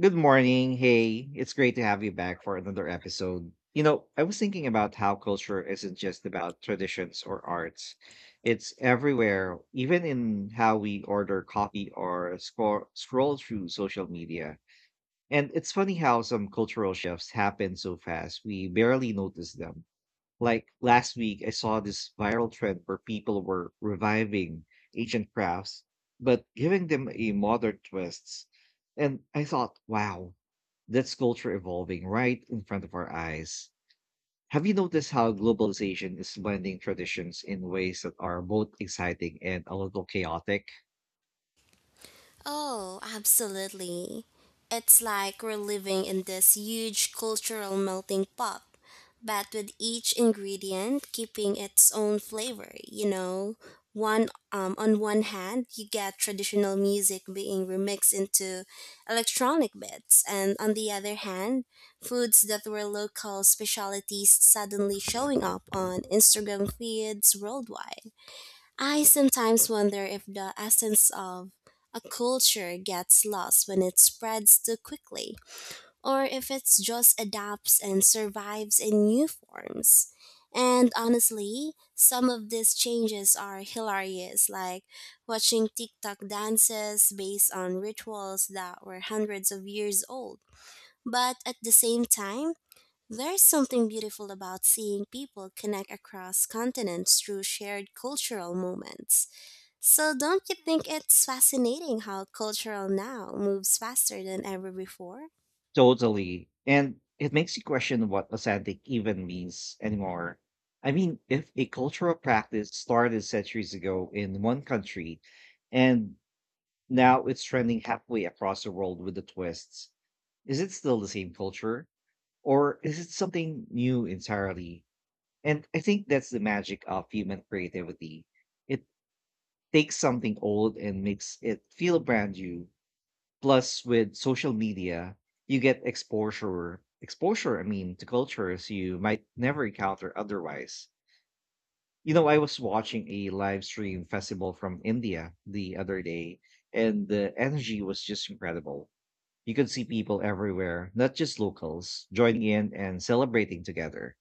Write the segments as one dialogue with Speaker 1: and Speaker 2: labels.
Speaker 1: Good morning. Hey, it's great to have you back for another episode. You know, I was thinking about how culture isn't just about traditions or arts. It's everywhere, even in how we order coffee or scroll through social media. And it's funny how some cultural shifts happen so fast, we barely notice them. Like last week, I saw this viral trend where people were reviving ancient crafts, but giving them a modern twist. And I thought, wow, that's culture evolving right in front of our eyes. Have you noticed how globalization is blending traditions in ways that are both exciting and a little chaotic?
Speaker 2: Oh, absolutely. It's like we're living in this huge cultural melting pot, but with each ingredient keeping its own flavor, you know. One on one hand, you get traditional music being remixed into electronic bits, and on the other hand, foods that were local specialties suddenly showing up on Instagram feeds worldwide. I sometimes wonder if the essence of a culture gets lost when it spreads too quickly, or if it just adapts and survives in new forms. And honestly, some of these changes are hilarious, like watching TikTok dances based on rituals that were hundreds of years old. But at the same time, there's something beautiful about seeing people connect across continents through shared cultural moments. So, don't you think it's fascinating how cultural now moves faster than ever before?
Speaker 1: Totally. And it makes you question what authentic even means anymore. I mean, if a cultural practice started centuries ago in one country and now it's trending halfway across the world with the twists, is it still the same culture? Or is it something new entirely? And I think that's the magic of human creativity. It takes something old and makes it feel brand new. Plus, with social media, you get exposure, I mean, to cultures you might never encounter otherwise. You know, I was watching a live stream festival from India the other day, and the energy was just incredible. You could see people everywhere, not just locals, joining in and celebrating together.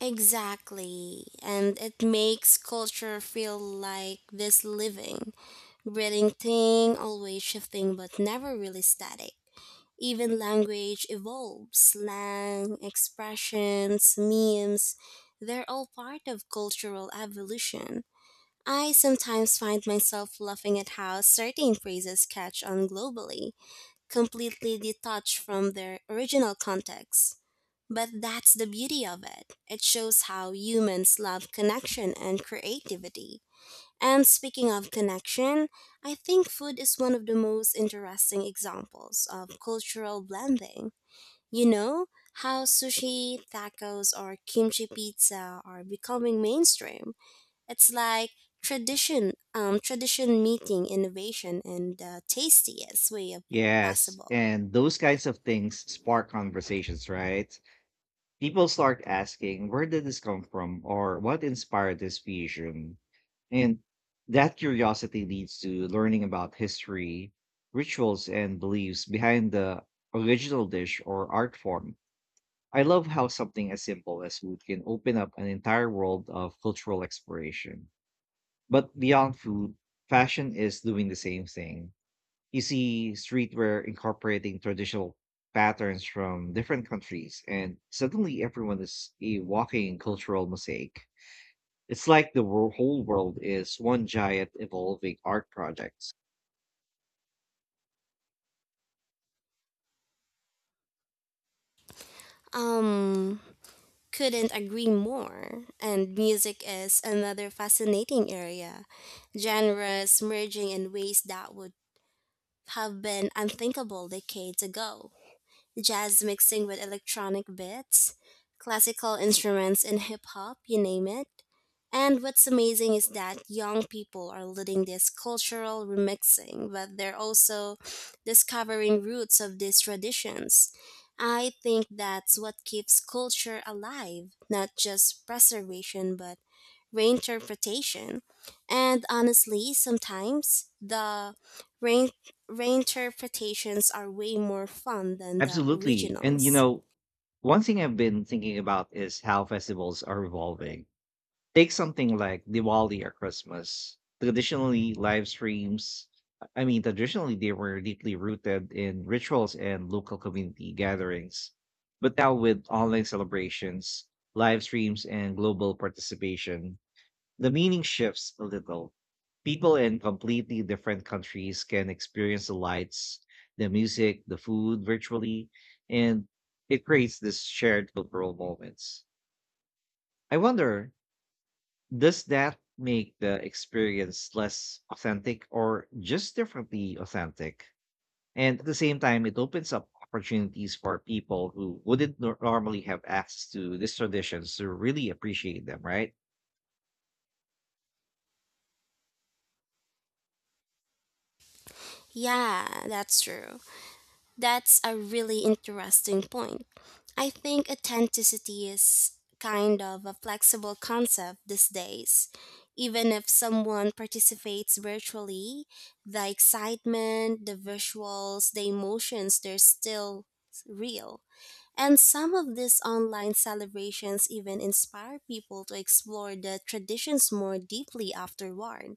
Speaker 2: Exactly. And it makes culture feel like this living, breathing thing, always shifting but never really static. Even language evolves, slang, expressions, memes, they're all part of cultural evolution. I sometimes find myself laughing at how certain phrases catch on globally completely detached from their original context. But that's the beauty of it. It shows how humans love connection and creativity. And speaking of connection, I think food is one of the most interesting examples of cultural blending. You know, how sushi, tacos, or kimchi pizza are becoming mainstream. It's like tradition meeting innovation in the tastiest way of
Speaker 1: Yes,
Speaker 2: possible.
Speaker 1: and those kinds of things spark conversations, right? People start asking, where did this come from? Or what inspired this fusion? And that curiosity leads to learning about history, rituals, and beliefs behind the original dish or art form. I love how something as simple as food can open up an entire world of cultural exploration. But beyond food, fashion is doing the same thing. You see streetwear incorporating traditional patterns from different countries, and suddenly everyone is a walking cultural mosaic. It's like the whole world is one giant evolving art project.
Speaker 2: Um, couldn't agree more. And music is another fascinating area. Genres merging in ways that would have been unthinkable decades ago, jazz mixing with electronic beats, classical instruments and hip hop, you name it. And what's amazing is that young people are leading this cultural remixing, but they're also discovering roots of these traditions. I think that's what keeps culture alive, not just preservation, but reinterpretation. And honestly, sometimes the reinterpretations are way more fun than the
Speaker 1: Absolutely. And you
Speaker 2: originals.
Speaker 1: know, one thing I've been thinking about is how festivals are evolving. Take something like Diwali or Christmas. Traditionally, live streams, I mean, traditionally, they were deeply rooted in rituals and local community gatherings. But now, with online celebrations, live streams, and global participation, the meaning shifts a little. People in completely different countries can experience the lights, the music, the food virtually, and it creates this shared cultural moments. I wonder, does that make the experience less authentic or just differently authentic? And at the same time, it opens up opportunities for people who wouldn't normally have access to these traditions to really appreciate them, right?
Speaker 2: Yeah, that's true. That's a really interesting point. I think authenticity is kind of a flexible concept these days. Even if someone participates virtually, the excitement, the visuals, the emotions, they're still real. And some of these online celebrations even inspire people to explore the traditions more deeply afterward.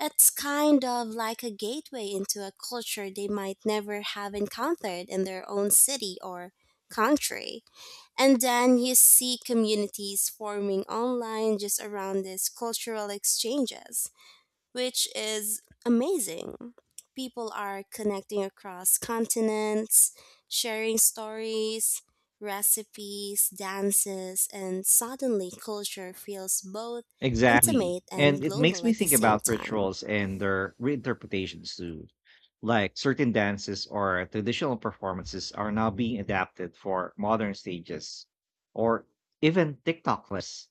Speaker 2: It's kind of like a gateway into a culture they might never have encountered in their own city or country. And then you see communities forming online just around these cultural exchanges, which is amazing. People are connecting across continents, sharing stories, recipes, dances, and suddenly culture feels both
Speaker 1: Exactly.
Speaker 2: intimate
Speaker 1: And
Speaker 2: and
Speaker 1: it makes
Speaker 2: global
Speaker 1: me
Speaker 2: at the
Speaker 1: think
Speaker 2: same
Speaker 1: about
Speaker 2: time.
Speaker 1: rituals and their reinterpretations too. Like certain dances or traditional performances are now being adapted for modern stages or even TikTok lists.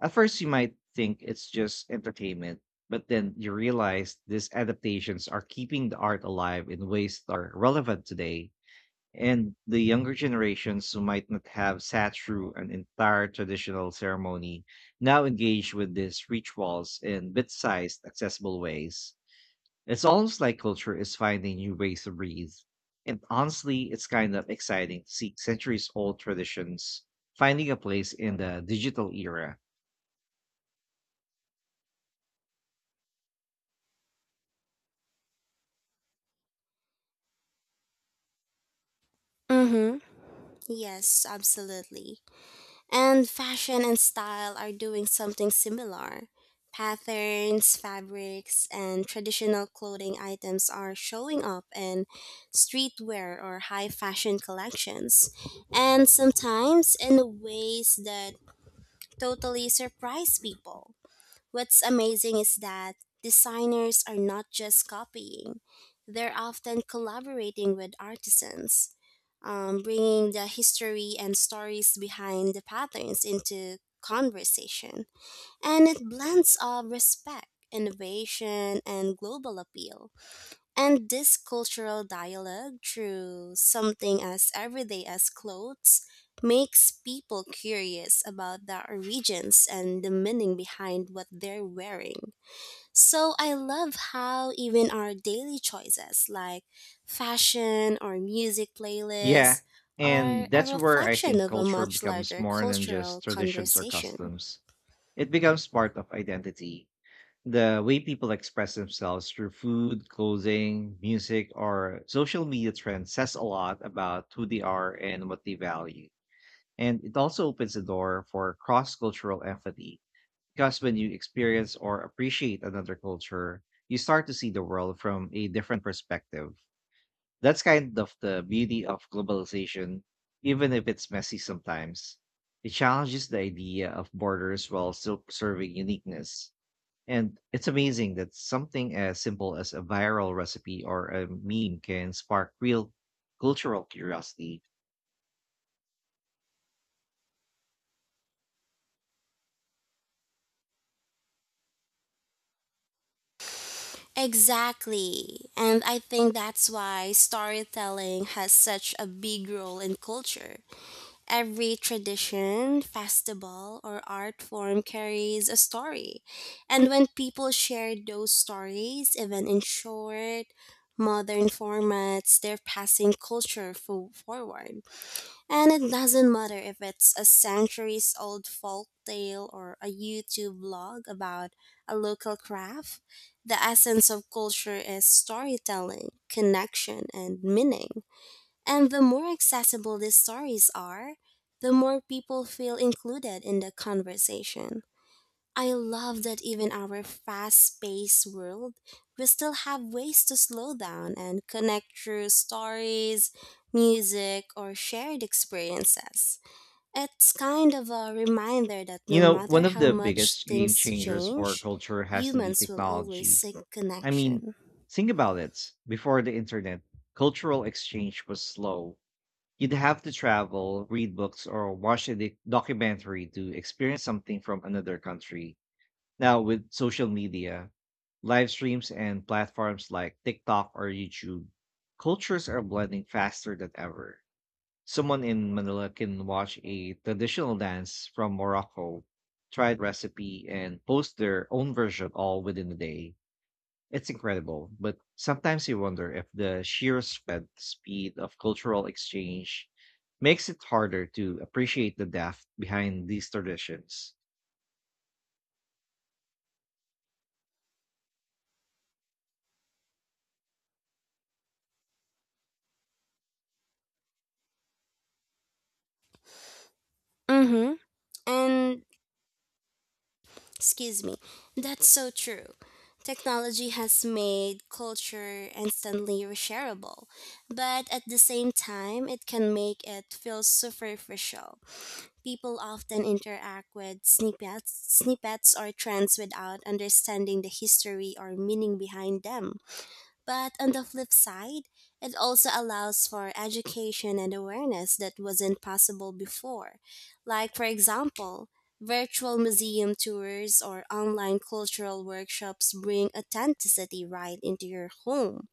Speaker 1: At first, you might think it's just entertainment, but then you realize these adaptations are keeping the art alive in ways that are relevant today. And the younger generations who might not have sat through an entire traditional ceremony now engage with these rituals in bit sized, accessible ways. It's almost like culture is finding new ways to breathe. And honestly, it's kind of exciting to see centuries old traditions finding a place in the digital era.
Speaker 2: Mm-hmm. Yes, absolutely. And fashion and style are doing something similar. Patterns, fabrics, and traditional clothing items are showing up in streetwear or high fashion collections, and sometimes in ways that totally surprise people. What's amazing is that designers are not just copying, they're often collaborating with artisans, bringing the history and stories behind the patterns into conversation. And it blends of respect, innovation, and global appeal. And this cultural dialogue, through something as everyday as clothes, makes people curious about the origins and the meaning behind what they're wearing. So I love how even our daily choices, like fashion or music
Speaker 1: Yeah.
Speaker 2: playlists, are
Speaker 1: And
Speaker 2: a
Speaker 1: that's where I
Speaker 2: reflection
Speaker 1: think
Speaker 2: of a
Speaker 1: culture
Speaker 2: much
Speaker 1: becomes
Speaker 2: larger
Speaker 1: more than
Speaker 2: cultural
Speaker 1: just traditions or
Speaker 2: conversation.
Speaker 1: customs. It becomes part of identity. The way people express themselves through food, clothing, music, or social media trends says a lot about who they are and what they value. And it also opens the door for cross cultural empathy because when you experience or appreciate another culture, you start to see the world from a different perspective. That's kind of the beauty of globalization, even if it's messy sometimes. It challenges the idea of borders while still preserving uniqueness. And it's amazing that something as simple as a viral recipe or a meme can spark real cultural curiosity.
Speaker 2: Exactly. And I think that's why storytelling has such a big role in culture. Every tradition, festival, or art form carries a story. And when people share those stories, even in short, modern formats, they're passing forward. And it doesn't matter if it's a centuries old folk tale or a YouTube vlog about a local craft, the essence of culture is storytelling, connection, and meaning. And the more accessible these stories are, the more people feel included in the conversation. I love that even our fast paced world, we still have ways to slow down and connect through stories, music, or shared experiences. It's kind of a reminder that
Speaker 1: You
Speaker 2: no
Speaker 1: know,
Speaker 2: matter
Speaker 1: one of
Speaker 2: how
Speaker 1: the
Speaker 2: much
Speaker 1: biggest game
Speaker 2: things
Speaker 1: changers for
Speaker 2: change,
Speaker 1: culture has to be
Speaker 2: humans will always
Speaker 1: technology.
Speaker 2: seek
Speaker 1: I mean,
Speaker 2: connection.
Speaker 1: think about it. Before the internet, cultural exchange was slow. You'd have to travel, read books, or watch a documentary to experience something from another country. Now, with social media, live streams, and platforms like TikTok or YouTube, cultures are blending faster than ever. Someone in Manila can watch a traditional dance from Morocco, try a recipe, and post their own version all within a day. It's incredible, but sometimes you wonder if the sheer sped speed of cultural exchange makes it harder to appreciate the depth behind these traditions.
Speaker 2: Mm-hmm. And Excuse me. That's so true. Technology has made culture instantly reshareable, but at the same time, it can make it feel superficial. People often interact with snippets or trends without understanding the history or meaning behind them. But on the flip side, it also allows for education and awareness that wasn't possible before. Like, for example, virtual museum tours or online cultural workshops bring authenticity right into your home.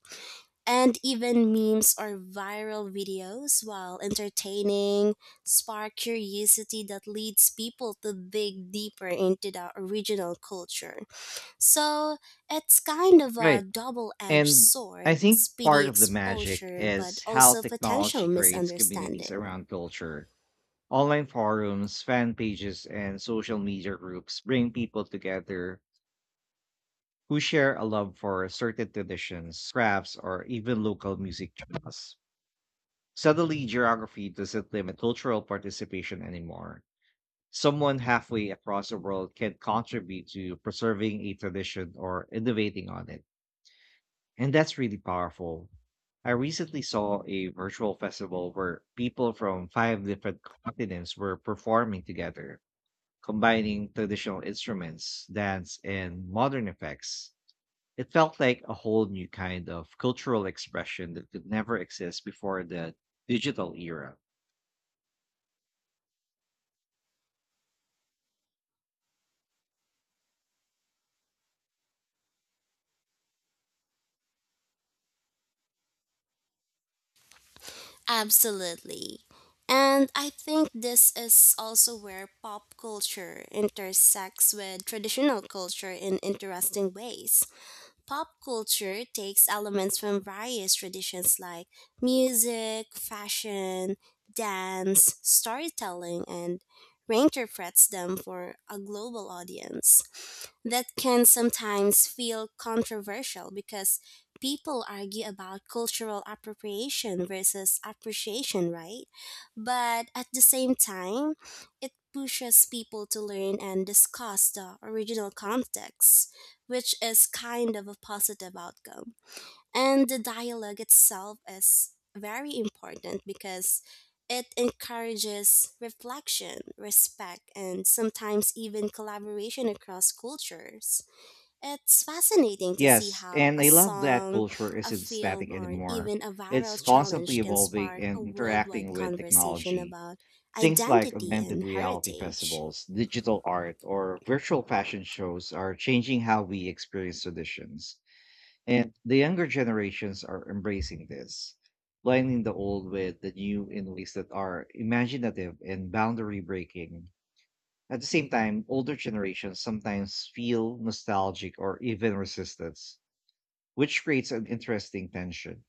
Speaker 2: And even memes or viral videos, while entertaining, spark curiosity that leads people to dig deeper into the original culture. So it's kind of a
Speaker 1: Right.
Speaker 2: double edged
Speaker 1: And I
Speaker 2: sword,
Speaker 1: think
Speaker 2: speedy
Speaker 1: part of the magic
Speaker 2: exposure, but
Speaker 1: is how
Speaker 2: also potential
Speaker 1: technology creates communities
Speaker 2: misunderstanding.
Speaker 1: around culture. Online forums, fan pages, and social media groups bring people together who share a love for certain traditions, crafts, or even local music genres. Suddenly, geography doesn't limit cultural participation anymore. Someone halfway across the world can contribute to preserving a tradition or innovating on it. And that's really powerful. I recently saw a virtual festival where people from five different continents were performing together, combining traditional instruments, dance, and modern effects. It felt like a whole new kind of cultural expression that could never exist before the digital era.
Speaker 2: Absolutely. And I think this is also where pop culture intersects with traditional culture in interesting ways. Pop culture takes elements from various traditions like music, fashion, dance, storytelling, and reinterprets them for a global audience. That can sometimes feel controversial because people argue about cultural appropriation versus appreciation, right? But at the same time, it pushes people to learn and discuss the original context, which is kind of a positive outcome. And the dialogue itself is very important because it encourages reflection, respect, and sometimes even collaboration across cultures. It's fascinating to see
Speaker 1: Yes,
Speaker 2: how
Speaker 1: and
Speaker 2: a
Speaker 1: I love that
Speaker 2: song,
Speaker 1: culture
Speaker 2: a
Speaker 1: isn't
Speaker 2: film,
Speaker 1: static
Speaker 2: or
Speaker 1: anymore.
Speaker 2: even a viral
Speaker 1: It's constantly
Speaker 2: challenge can
Speaker 1: evolving
Speaker 2: spark a
Speaker 1: and interacting
Speaker 2: worldwide
Speaker 1: with
Speaker 2: conversation
Speaker 1: technology.
Speaker 2: about
Speaker 1: Things like
Speaker 2: identity and
Speaker 1: augmented reality
Speaker 2: heritage.
Speaker 1: festivals, digital art, or virtual fashion shows are changing how we experience traditions. And the younger generations are embracing this, blending the old with the new in ways that are imaginative and boundary breaking. At the same time, older generations sometimes feel nostalgic or even resistance, which creates an interesting tension.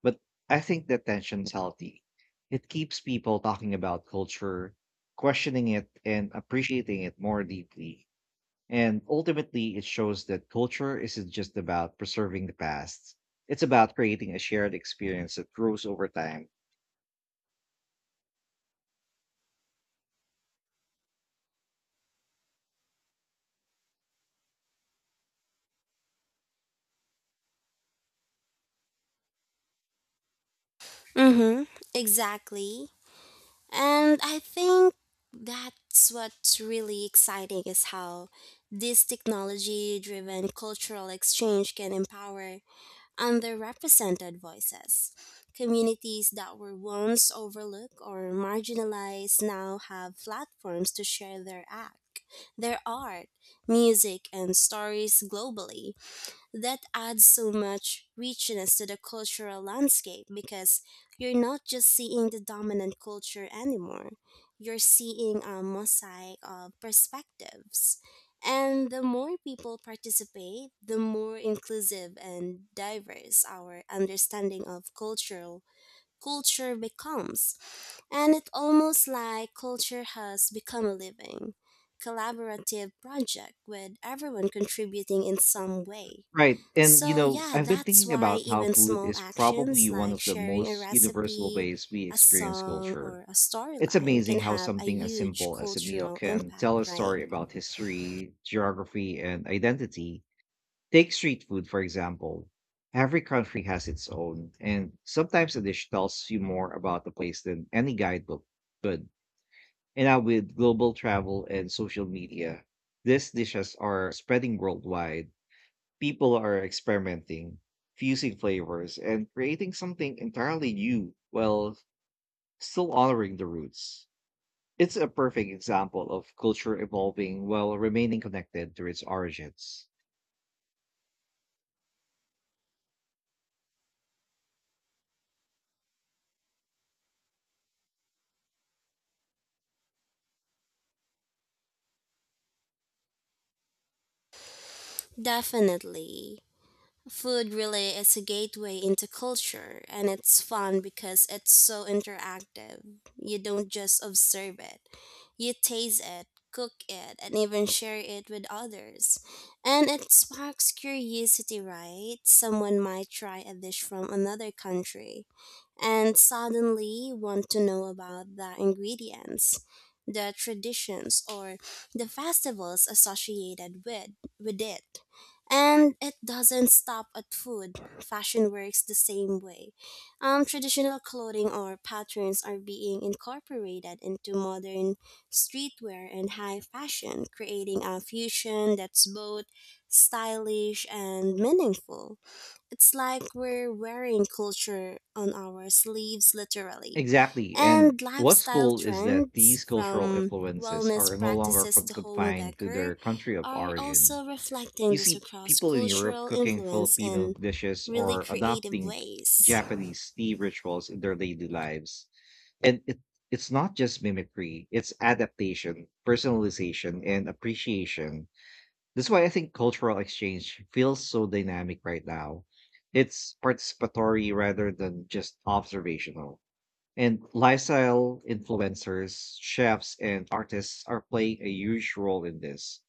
Speaker 1: But I think that tension's healthy. It keeps people talking about culture, questioning it, and appreciating it more deeply. And ultimately, it shows that culture isn't just about preserving the past, it's about creating a shared experience that grows over time.
Speaker 2: Mm-hmm, exactly. And I think that's what's really exciting is how this technology driven cultural exchange can empower underrepresented voices. Communities that were once overlooked or marginalized now have platforms to share their art, music, and stories globally, that adds so much richness to the cultural landscape because you're not just seeing the dominant culture anymore. You're seeing a mosaic of perspectives. And the more people participate, the more inclusive and diverse our understanding of cultural culture becomes. And it almost like culture has become a living, collaborative project with everyone contributing in some way.
Speaker 1: Right. And, you
Speaker 2: So,
Speaker 1: know,
Speaker 2: yeah,
Speaker 1: I've been
Speaker 2: that's
Speaker 1: thinking
Speaker 2: why
Speaker 1: about how
Speaker 2: even
Speaker 1: food
Speaker 2: small
Speaker 1: is
Speaker 2: actions
Speaker 1: probably one
Speaker 2: like
Speaker 1: of the
Speaker 2: sharing a
Speaker 1: most universal
Speaker 2: recipe,
Speaker 1: ways we
Speaker 2: a
Speaker 1: experience
Speaker 2: song,
Speaker 1: culture.
Speaker 2: or a
Speaker 1: It's
Speaker 2: storyline can
Speaker 1: amazing how
Speaker 2: have a
Speaker 1: something as
Speaker 2: huge
Speaker 1: simple as a meal
Speaker 2: cultural
Speaker 1: can
Speaker 2: impact,
Speaker 1: tell a
Speaker 2: right?
Speaker 1: story about history, geography, and identity. Take street food, for example. Every country has its own, and sometimes a dish tells you more about the place than any guidebook could. And now, with global travel and social media, these dishes are spreading worldwide. People are experimenting, fusing flavors, and creating something entirely new while still honoring the roots. It's a perfect example of culture evolving while remaining connected to its origins.
Speaker 2: Definitely. Food really is a gateway into culture, and it's fun because it's so interactive. You don't just observe it, you taste it, cook it, and even share it with others. And it sparks curiosity, right? Someone might try a dish from another country and suddenly want to know about the ingredients, the traditions, or the festivals associated with it. And it doesn't stop at food. Fashion works the same way. Traditional clothing or patterns are being incorporated into modern streetwear and high fashion, creating a fusion that's both stylish and meaningful. It's like we're wearing culture on our sleeves, literally.
Speaker 1: Exactly. And
Speaker 2: And
Speaker 1: what's
Speaker 2: lifestyle
Speaker 1: cool is that
Speaker 2: trends,
Speaker 1: these cultural
Speaker 2: from
Speaker 1: influences
Speaker 2: wellness
Speaker 1: are no longer
Speaker 2: practices to home
Speaker 1: confined to
Speaker 2: decor,
Speaker 1: their country of
Speaker 2: are
Speaker 1: origin.
Speaker 2: also reflecting
Speaker 1: You
Speaker 2: this
Speaker 1: see
Speaker 2: across
Speaker 1: people in Europe
Speaker 2: cultural
Speaker 1: cooking
Speaker 2: influence
Speaker 1: Filipino
Speaker 2: in
Speaker 1: dishes
Speaker 2: really
Speaker 1: or
Speaker 2: creative
Speaker 1: adopting
Speaker 2: ways.
Speaker 1: Japanese tea rituals in their daily lives. And it's not just mimicry, it's adaptation, personalization, and appreciation. That's why I think cultural exchange feels so dynamic right now. It's participatory rather than just observational. And lifestyle influencers, chefs, and artists are playing a huge role in this,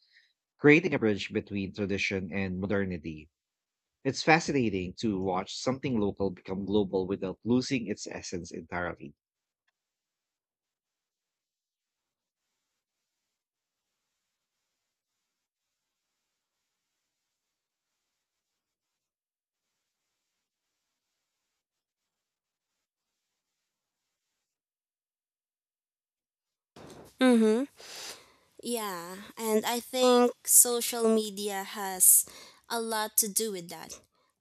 Speaker 1: creating a bridge between tradition and modernity. It's fascinating to watch something local become global without losing its essence entirely.
Speaker 2: Mm-hmm. Yeah, and I think social media has a lot to do with that.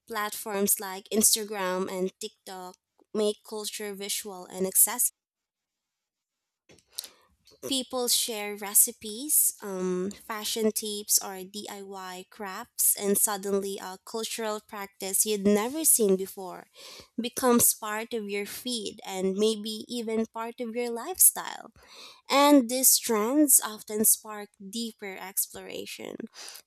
Speaker 2: Platforms like Instagram and TikTok make culture visual and accessible. People share recipes, fashion tips, or DIY crafts, and suddenly a cultural practice you'd never seen before becomes part of your feed and maybe even part of your lifestyle. And these trends often spark deeper exploration.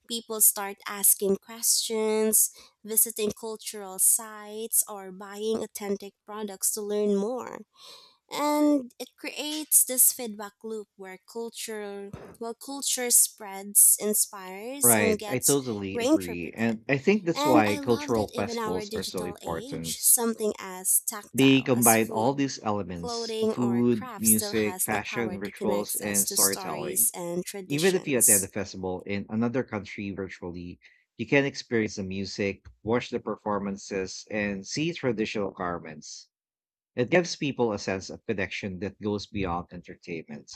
Speaker 2: People start asking questions, visiting cultural sites, or buying authentic products to learn more, and it creates this feedback loop where culture spreads, inspires, and
Speaker 1: Right, I
Speaker 2: gets
Speaker 1: totally agree.
Speaker 2: reinterpreted.
Speaker 1: And I think that's
Speaker 2: And
Speaker 1: why
Speaker 2: I love that
Speaker 1: cultural
Speaker 2: even our
Speaker 1: festivals are so
Speaker 2: digital age,
Speaker 1: important.
Speaker 2: something as
Speaker 1: They
Speaker 2: tactile as
Speaker 1: combine all
Speaker 2: food,
Speaker 1: these elements: the
Speaker 2: clothing or
Speaker 1: food,
Speaker 2: craft still
Speaker 1: music,
Speaker 2: has the power
Speaker 1: fashion,
Speaker 2: to connect
Speaker 1: rituals,
Speaker 2: us
Speaker 1: and
Speaker 2: to
Speaker 1: storytelling.
Speaker 2: stories and
Speaker 1: Even if you attend
Speaker 2: traditions.
Speaker 1: a festival in another country virtually, you can experience the music, watch the performances, and see traditional garments. It gives people a sense of connection that goes beyond entertainment.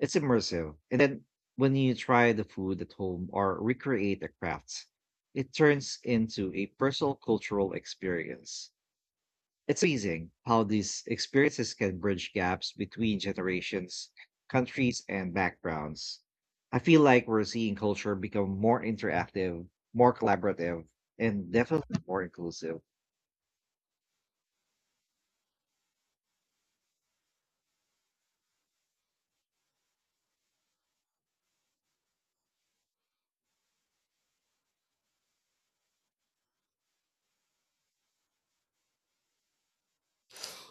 Speaker 1: It's immersive. And then when you try the food at home or recreate the crafts, it turns into a personal cultural experience. It's amazing how these experiences can bridge gaps between generations, countries, and backgrounds. I feel like we're seeing culture become more interactive, more collaborative, and definitely more inclusive.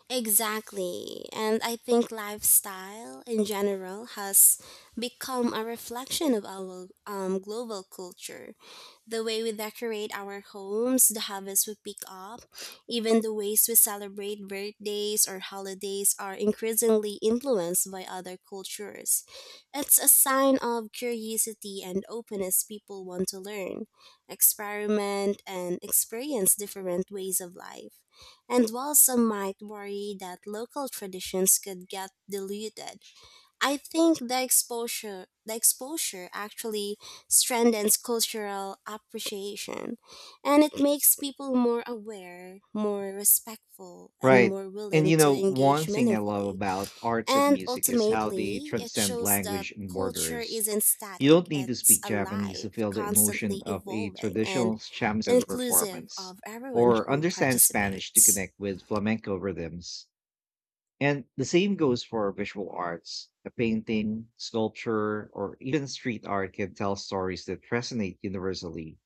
Speaker 2: Exactly. And I think lifestyle in general has become a reflection of our global culture. The way we decorate our homes, the habits we pick up, even the ways we celebrate birthdays or holidays are increasingly influenced by other cultures. It's a sign of curiosity and openness, people want to learn, experiment, and experience different ways of life. And while some might worry that local traditions could get diluted, I think the exposure actually strengthens cultural appreciation, and it makes people more aware, more respectful and
Speaker 1: Right.
Speaker 2: more
Speaker 1: And
Speaker 2: willing
Speaker 1: you
Speaker 2: to
Speaker 1: know, one
Speaker 2: engage
Speaker 1: thing I love
Speaker 2: meaningfully.
Speaker 1: about arts and
Speaker 2: And
Speaker 1: music is how they
Speaker 2: ultimately, it
Speaker 1: transcend
Speaker 2: shows that
Speaker 1: language and
Speaker 2: culture
Speaker 1: borders.
Speaker 2: isn't
Speaker 1: You don't
Speaker 2: static,
Speaker 1: need to
Speaker 2: it's
Speaker 1: speak Japanese to
Speaker 2: alive,
Speaker 1: feel the emotion
Speaker 2: constantly
Speaker 1: of a
Speaker 2: evolving and
Speaker 1: traditional shamisen
Speaker 2: inclusive
Speaker 1: performance,
Speaker 2: of everyone
Speaker 1: or
Speaker 2: who
Speaker 1: understand Spanish to
Speaker 2: participates.
Speaker 1: connect with flamenco rhythms. And the same goes for visual arts. A painting, sculpture, or even street art can tell stories that resonate universally.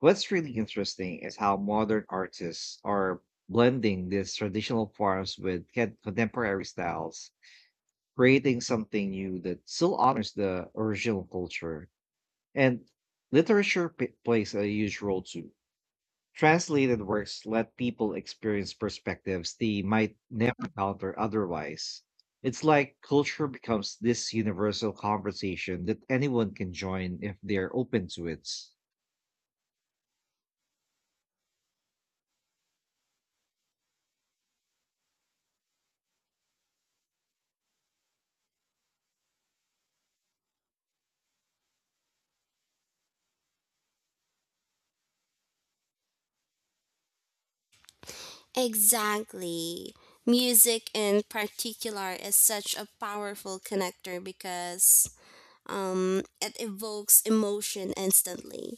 Speaker 1: What's really interesting is how modern artists are blending these traditional forms with contemporary styles, creating something new that still honors the original culture. And literature plays a huge role too. Translated works let people experience perspectives they might never encounter otherwise. It's like culture becomes this universal conversation that anyone can join if they're open to it.
Speaker 2: Exactly. Music in particular is such a powerful connector because it evokes emotion instantly.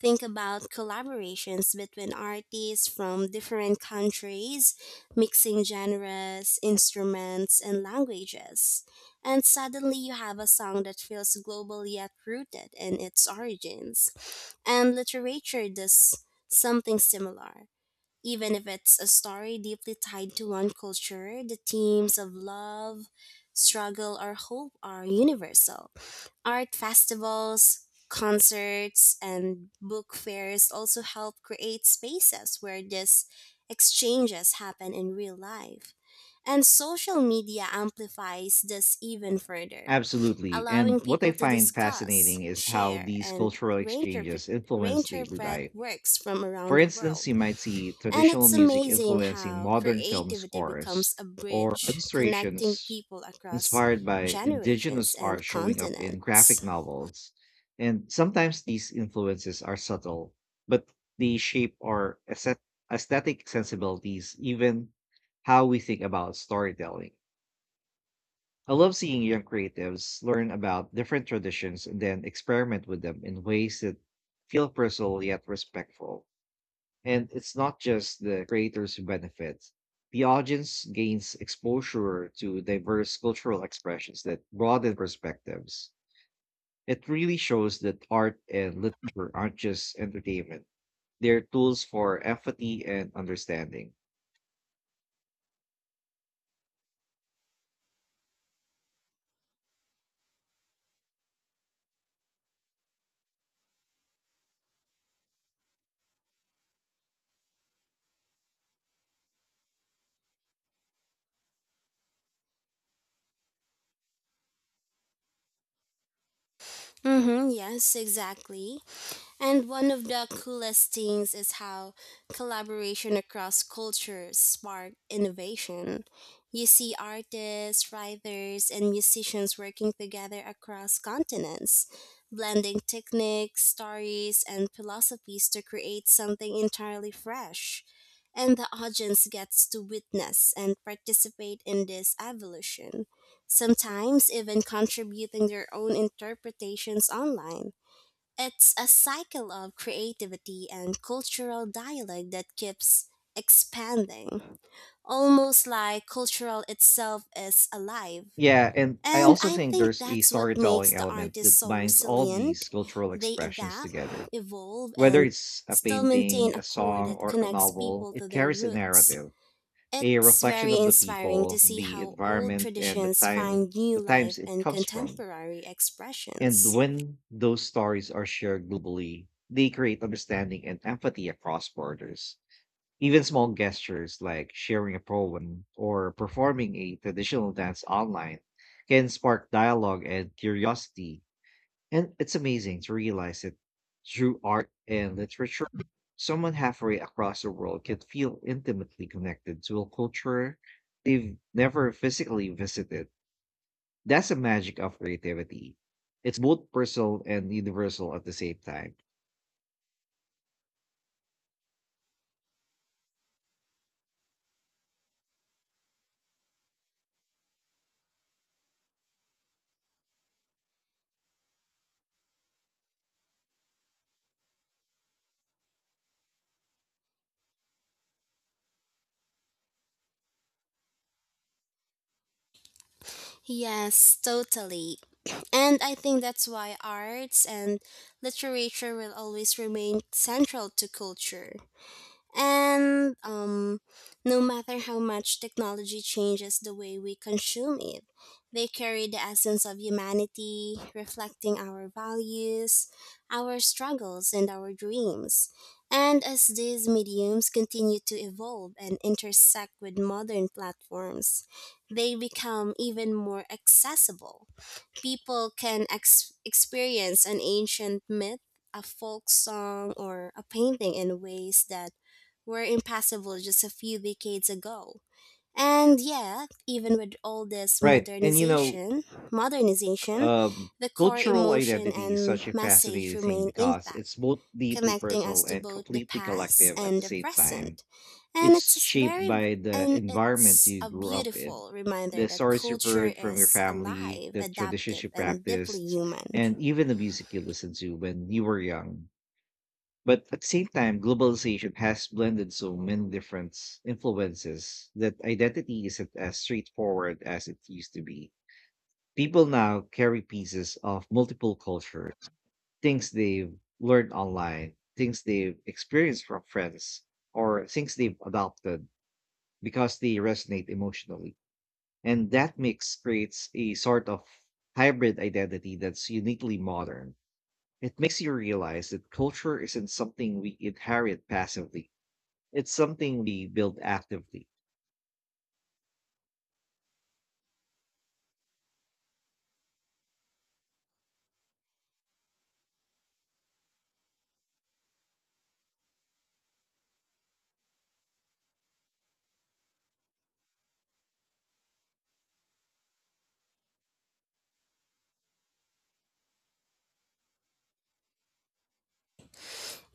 Speaker 2: Think about collaborations between artists from different countries, mixing genres, instruments, and languages. And suddenly you have a song that feels global yet rooted in its origins. And literature does something similar, even if it's a story deeply tied to one culture, the themes of love, struggle, or hope are universal. Art festivals, concerts, and book fairs also help create spaces where these exchanges happen in real life. And social media amplifies this even further,
Speaker 1: Absolutely. And
Speaker 2: allowing
Speaker 1: what I
Speaker 2: people to
Speaker 1: find
Speaker 2: discuss,
Speaker 1: fascinating is how
Speaker 2: share,
Speaker 1: these
Speaker 2: and
Speaker 1: cultural
Speaker 2: reinterpret,
Speaker 1: exchanges influence daily
Speaker 2: reinterpret
Speaker 1: life.
Speaker 2: works from around
Speaker 1: For
Speaker 2: the
Speaker 1: instance,
Speaker 2: world.
Speaker 1: you might see
Speaker 2: And
Speaker 1: traditional
Speaker 2: it's
Speaker 1: music
Speaker 2: amazing
Speaker 1: influencing
Speaker 2: how
Speaker 1: modern film
Speaker 2: creativity
Speaker 1: scores
Speaker 2: becomes a
Speaker 1: or
Speaker 2: bridge connecting
Speaker 1: illustrations
Speaker 2: people across
Speaker 1: inspired by indigenous
Speaker 2: generations
Speaker 1: art
Speaker 2: and
Speaker 1: showing up in graphic
Speaker 2: continents.
Speaker 1: novels. And sometimes these influences are subtle, but they shape our aesthetic sensibilities, even how we think about storytelling. I love seeing young creatives learn about different traditions and then experiment with them in ways that feel personal yet respectful. And it's not just the creators who benefit. The audience gains exposure to diverse cultural expressions that broaden perspectives. It really shows that art and literature aren't just entertainment, they're tools for empathy and understanding.
Speaker 2: Mhm, yes, exactly. And one of the coolest things is how collaboration across cultures spark innovation. You see artists, writers, and musicians working together across continents, blending techniques, stories, and philosophies to create something entirely fresh. And the audience gets to witness and participate in this evolution, sometimes even contributing their own interpretations online. It's a cycle of creativity and cultural dialogue that keeps expanding, almost like cultural itself is alive.
Speaker 1: Yeah, and I
Speaker 2: And
Speaker 1: also
Speaker 2: I
Speaker 1: think
Speaker 2: think
Speaker 1: there's a
Speaker 2: that's what makes
Speaker 1: storytelling
Speaker 2: the
Speaker 1: element
Speaker 2: artists
Speaker 1: that
Speaker 2: so
Speaker 1: binds all these
Speaker 2: resilient.
Speaker 1: cultural
Speaker 2: They
Speaker 1: expressions
Speaker 2: adapt,
Speaker 1: together.
Speaker 2: evolve,
Speaker 1: Whether
Speaker 2: and
Speaker 1: it's a
Speaker 2: still maintain
Speaker 1: painting,
Speaker 2: a
Speaker 1: a
Speaker 2: core
Speaker 1: song,
Speaker 2: that
Speaker 1: or a
Speaker 2: connects
Speaker 1: novel,
Speaker 2: people to
Speaker 1: it
Speaker 2: their
Speaker 1: carries a
Speaker 2: roots.
Speaker 1: narrative, a
Speaker 2: It's
Speaker 1: reflection
Speaker 2: very
Speaker 1: of the
Speaker 2: inspiring to
Speaker 1: people,
Speaker 2: see
Speaker 1: the
Speaker 2: how old
Speaker 1: environment, and
Speaker 2: traditions find new
Speaker 1: the
Speaker 2: life
Speaker 1: times it
Speaker 2: and
Speaker 1: comes from.
Speaker 2: contemporary
Speaker 1: And
Speaker 2: expressions.
Speaker 1: when those stories are shared globally, they create understanding and empathy across borders. Even small gestures like sharing a poem or performing a traditional dance online can spark dialogue and curiosity, and it's amazing to realize that through art and literature, someone halfway across the world can feel intimately connected to a culture they've never physically visited. That's the magic of creativity. It's both personal and universal at the same time.
Speaker 2: Yes, totally. And I think that's why arts and literature will always remain central to culture. And no matter how much technology changes the way we consume it, they carry the essence of humanity, reflecting our values, our struggles, and our dreams. And as these mediums continue to evolve and intersect with modern platforms, they become even more accessible. People can experience an ancient myth, a folk song, or a painting in ways that were impassable just a few decades ago. And yet, even with all this
Speaker 1: Right. And you know,
Speaker 2: modernization,
Speaker 1: um,
Speaker 2: the core
Speaker 1: cultural
Speaker 2: emotion
Speaker 1: identity is
Speaker 2: and
Speaker 1: such a
Speaker 2: message
Speaker 1: fascinating thing
Speaker 2: remain
Speaker 1: because
Speaker 2: intact,
Speaker 1: it's both deeply
Speaker 2: connecting us
Speaker 1: personal
Speaker 2: to
Speaker 1: and
Speaker 2: both the
Speaker 1: completely
Speaker 2: past
Speaker 1: collective at
Speaker 2: and
Speaker 1: the
Speaker 2: the
Speaker 1: same time.
Speaker 2: present. And it's
Speaker 1: It's
Speaker 2: just
Speaker 1: shaped
Speaker 2: very
Speaker 1: by the
Speaker 2: and
Speaker 1: environment
Speaker 2: it's
Speaker 1: you
Speaker 2: a
Speaker 1: grew up in,
Speaker 2: beautiful reminder
Speaker 1: the
Speaker 2: that
Speaker 1: stories you've
Speaker 2: culture
Speaker 1: heard from your
Speaker 2: is
Speaker 1: family,
Speaker 2: alive,
Speaker 1: the traditions
Speaker 2: adaptive,
Speaker 1: you
Speaker 2: and deeply
Speaker 1: practiced,
Speaker 2: human.
Speaker 1: and even the music you listened to when you were young. But at the same time, globalization has blended so many different influences that identity isn't as straightforward as it used to be. People now carry pieces of multiple cultures, things they've learned online, things they've experienced from friends, or things they've adopted because they resonate emotionally. And that mix creates a sort of hybrid identity that's uniquely modern. It makes you realize that culture isn't something we inherit passively, it's something we build actively.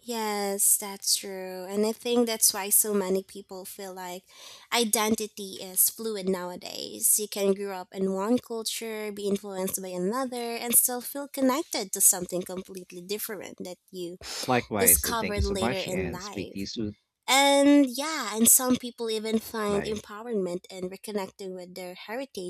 Speaker 2: Yes, that's true. And I think that's why so many people feel like identity is fluid nowadays. You can grow up in one culture, be influenced by another, and still feel connected to something completely different that you
Speaker 1: Likewise, and thank you
Speaker 2: discovered
Speaker 1: so
Speaker 2: later
Speaker 1: much,
Speaker 2: in
Speaker 1: and speak to you
Speaker 2: life.
Speaker 1: soon.
Speaker 2: And yeah, and some people even find
Speaker 1: Bye.
Speaker 2: empowerment in reconnecting with their heritage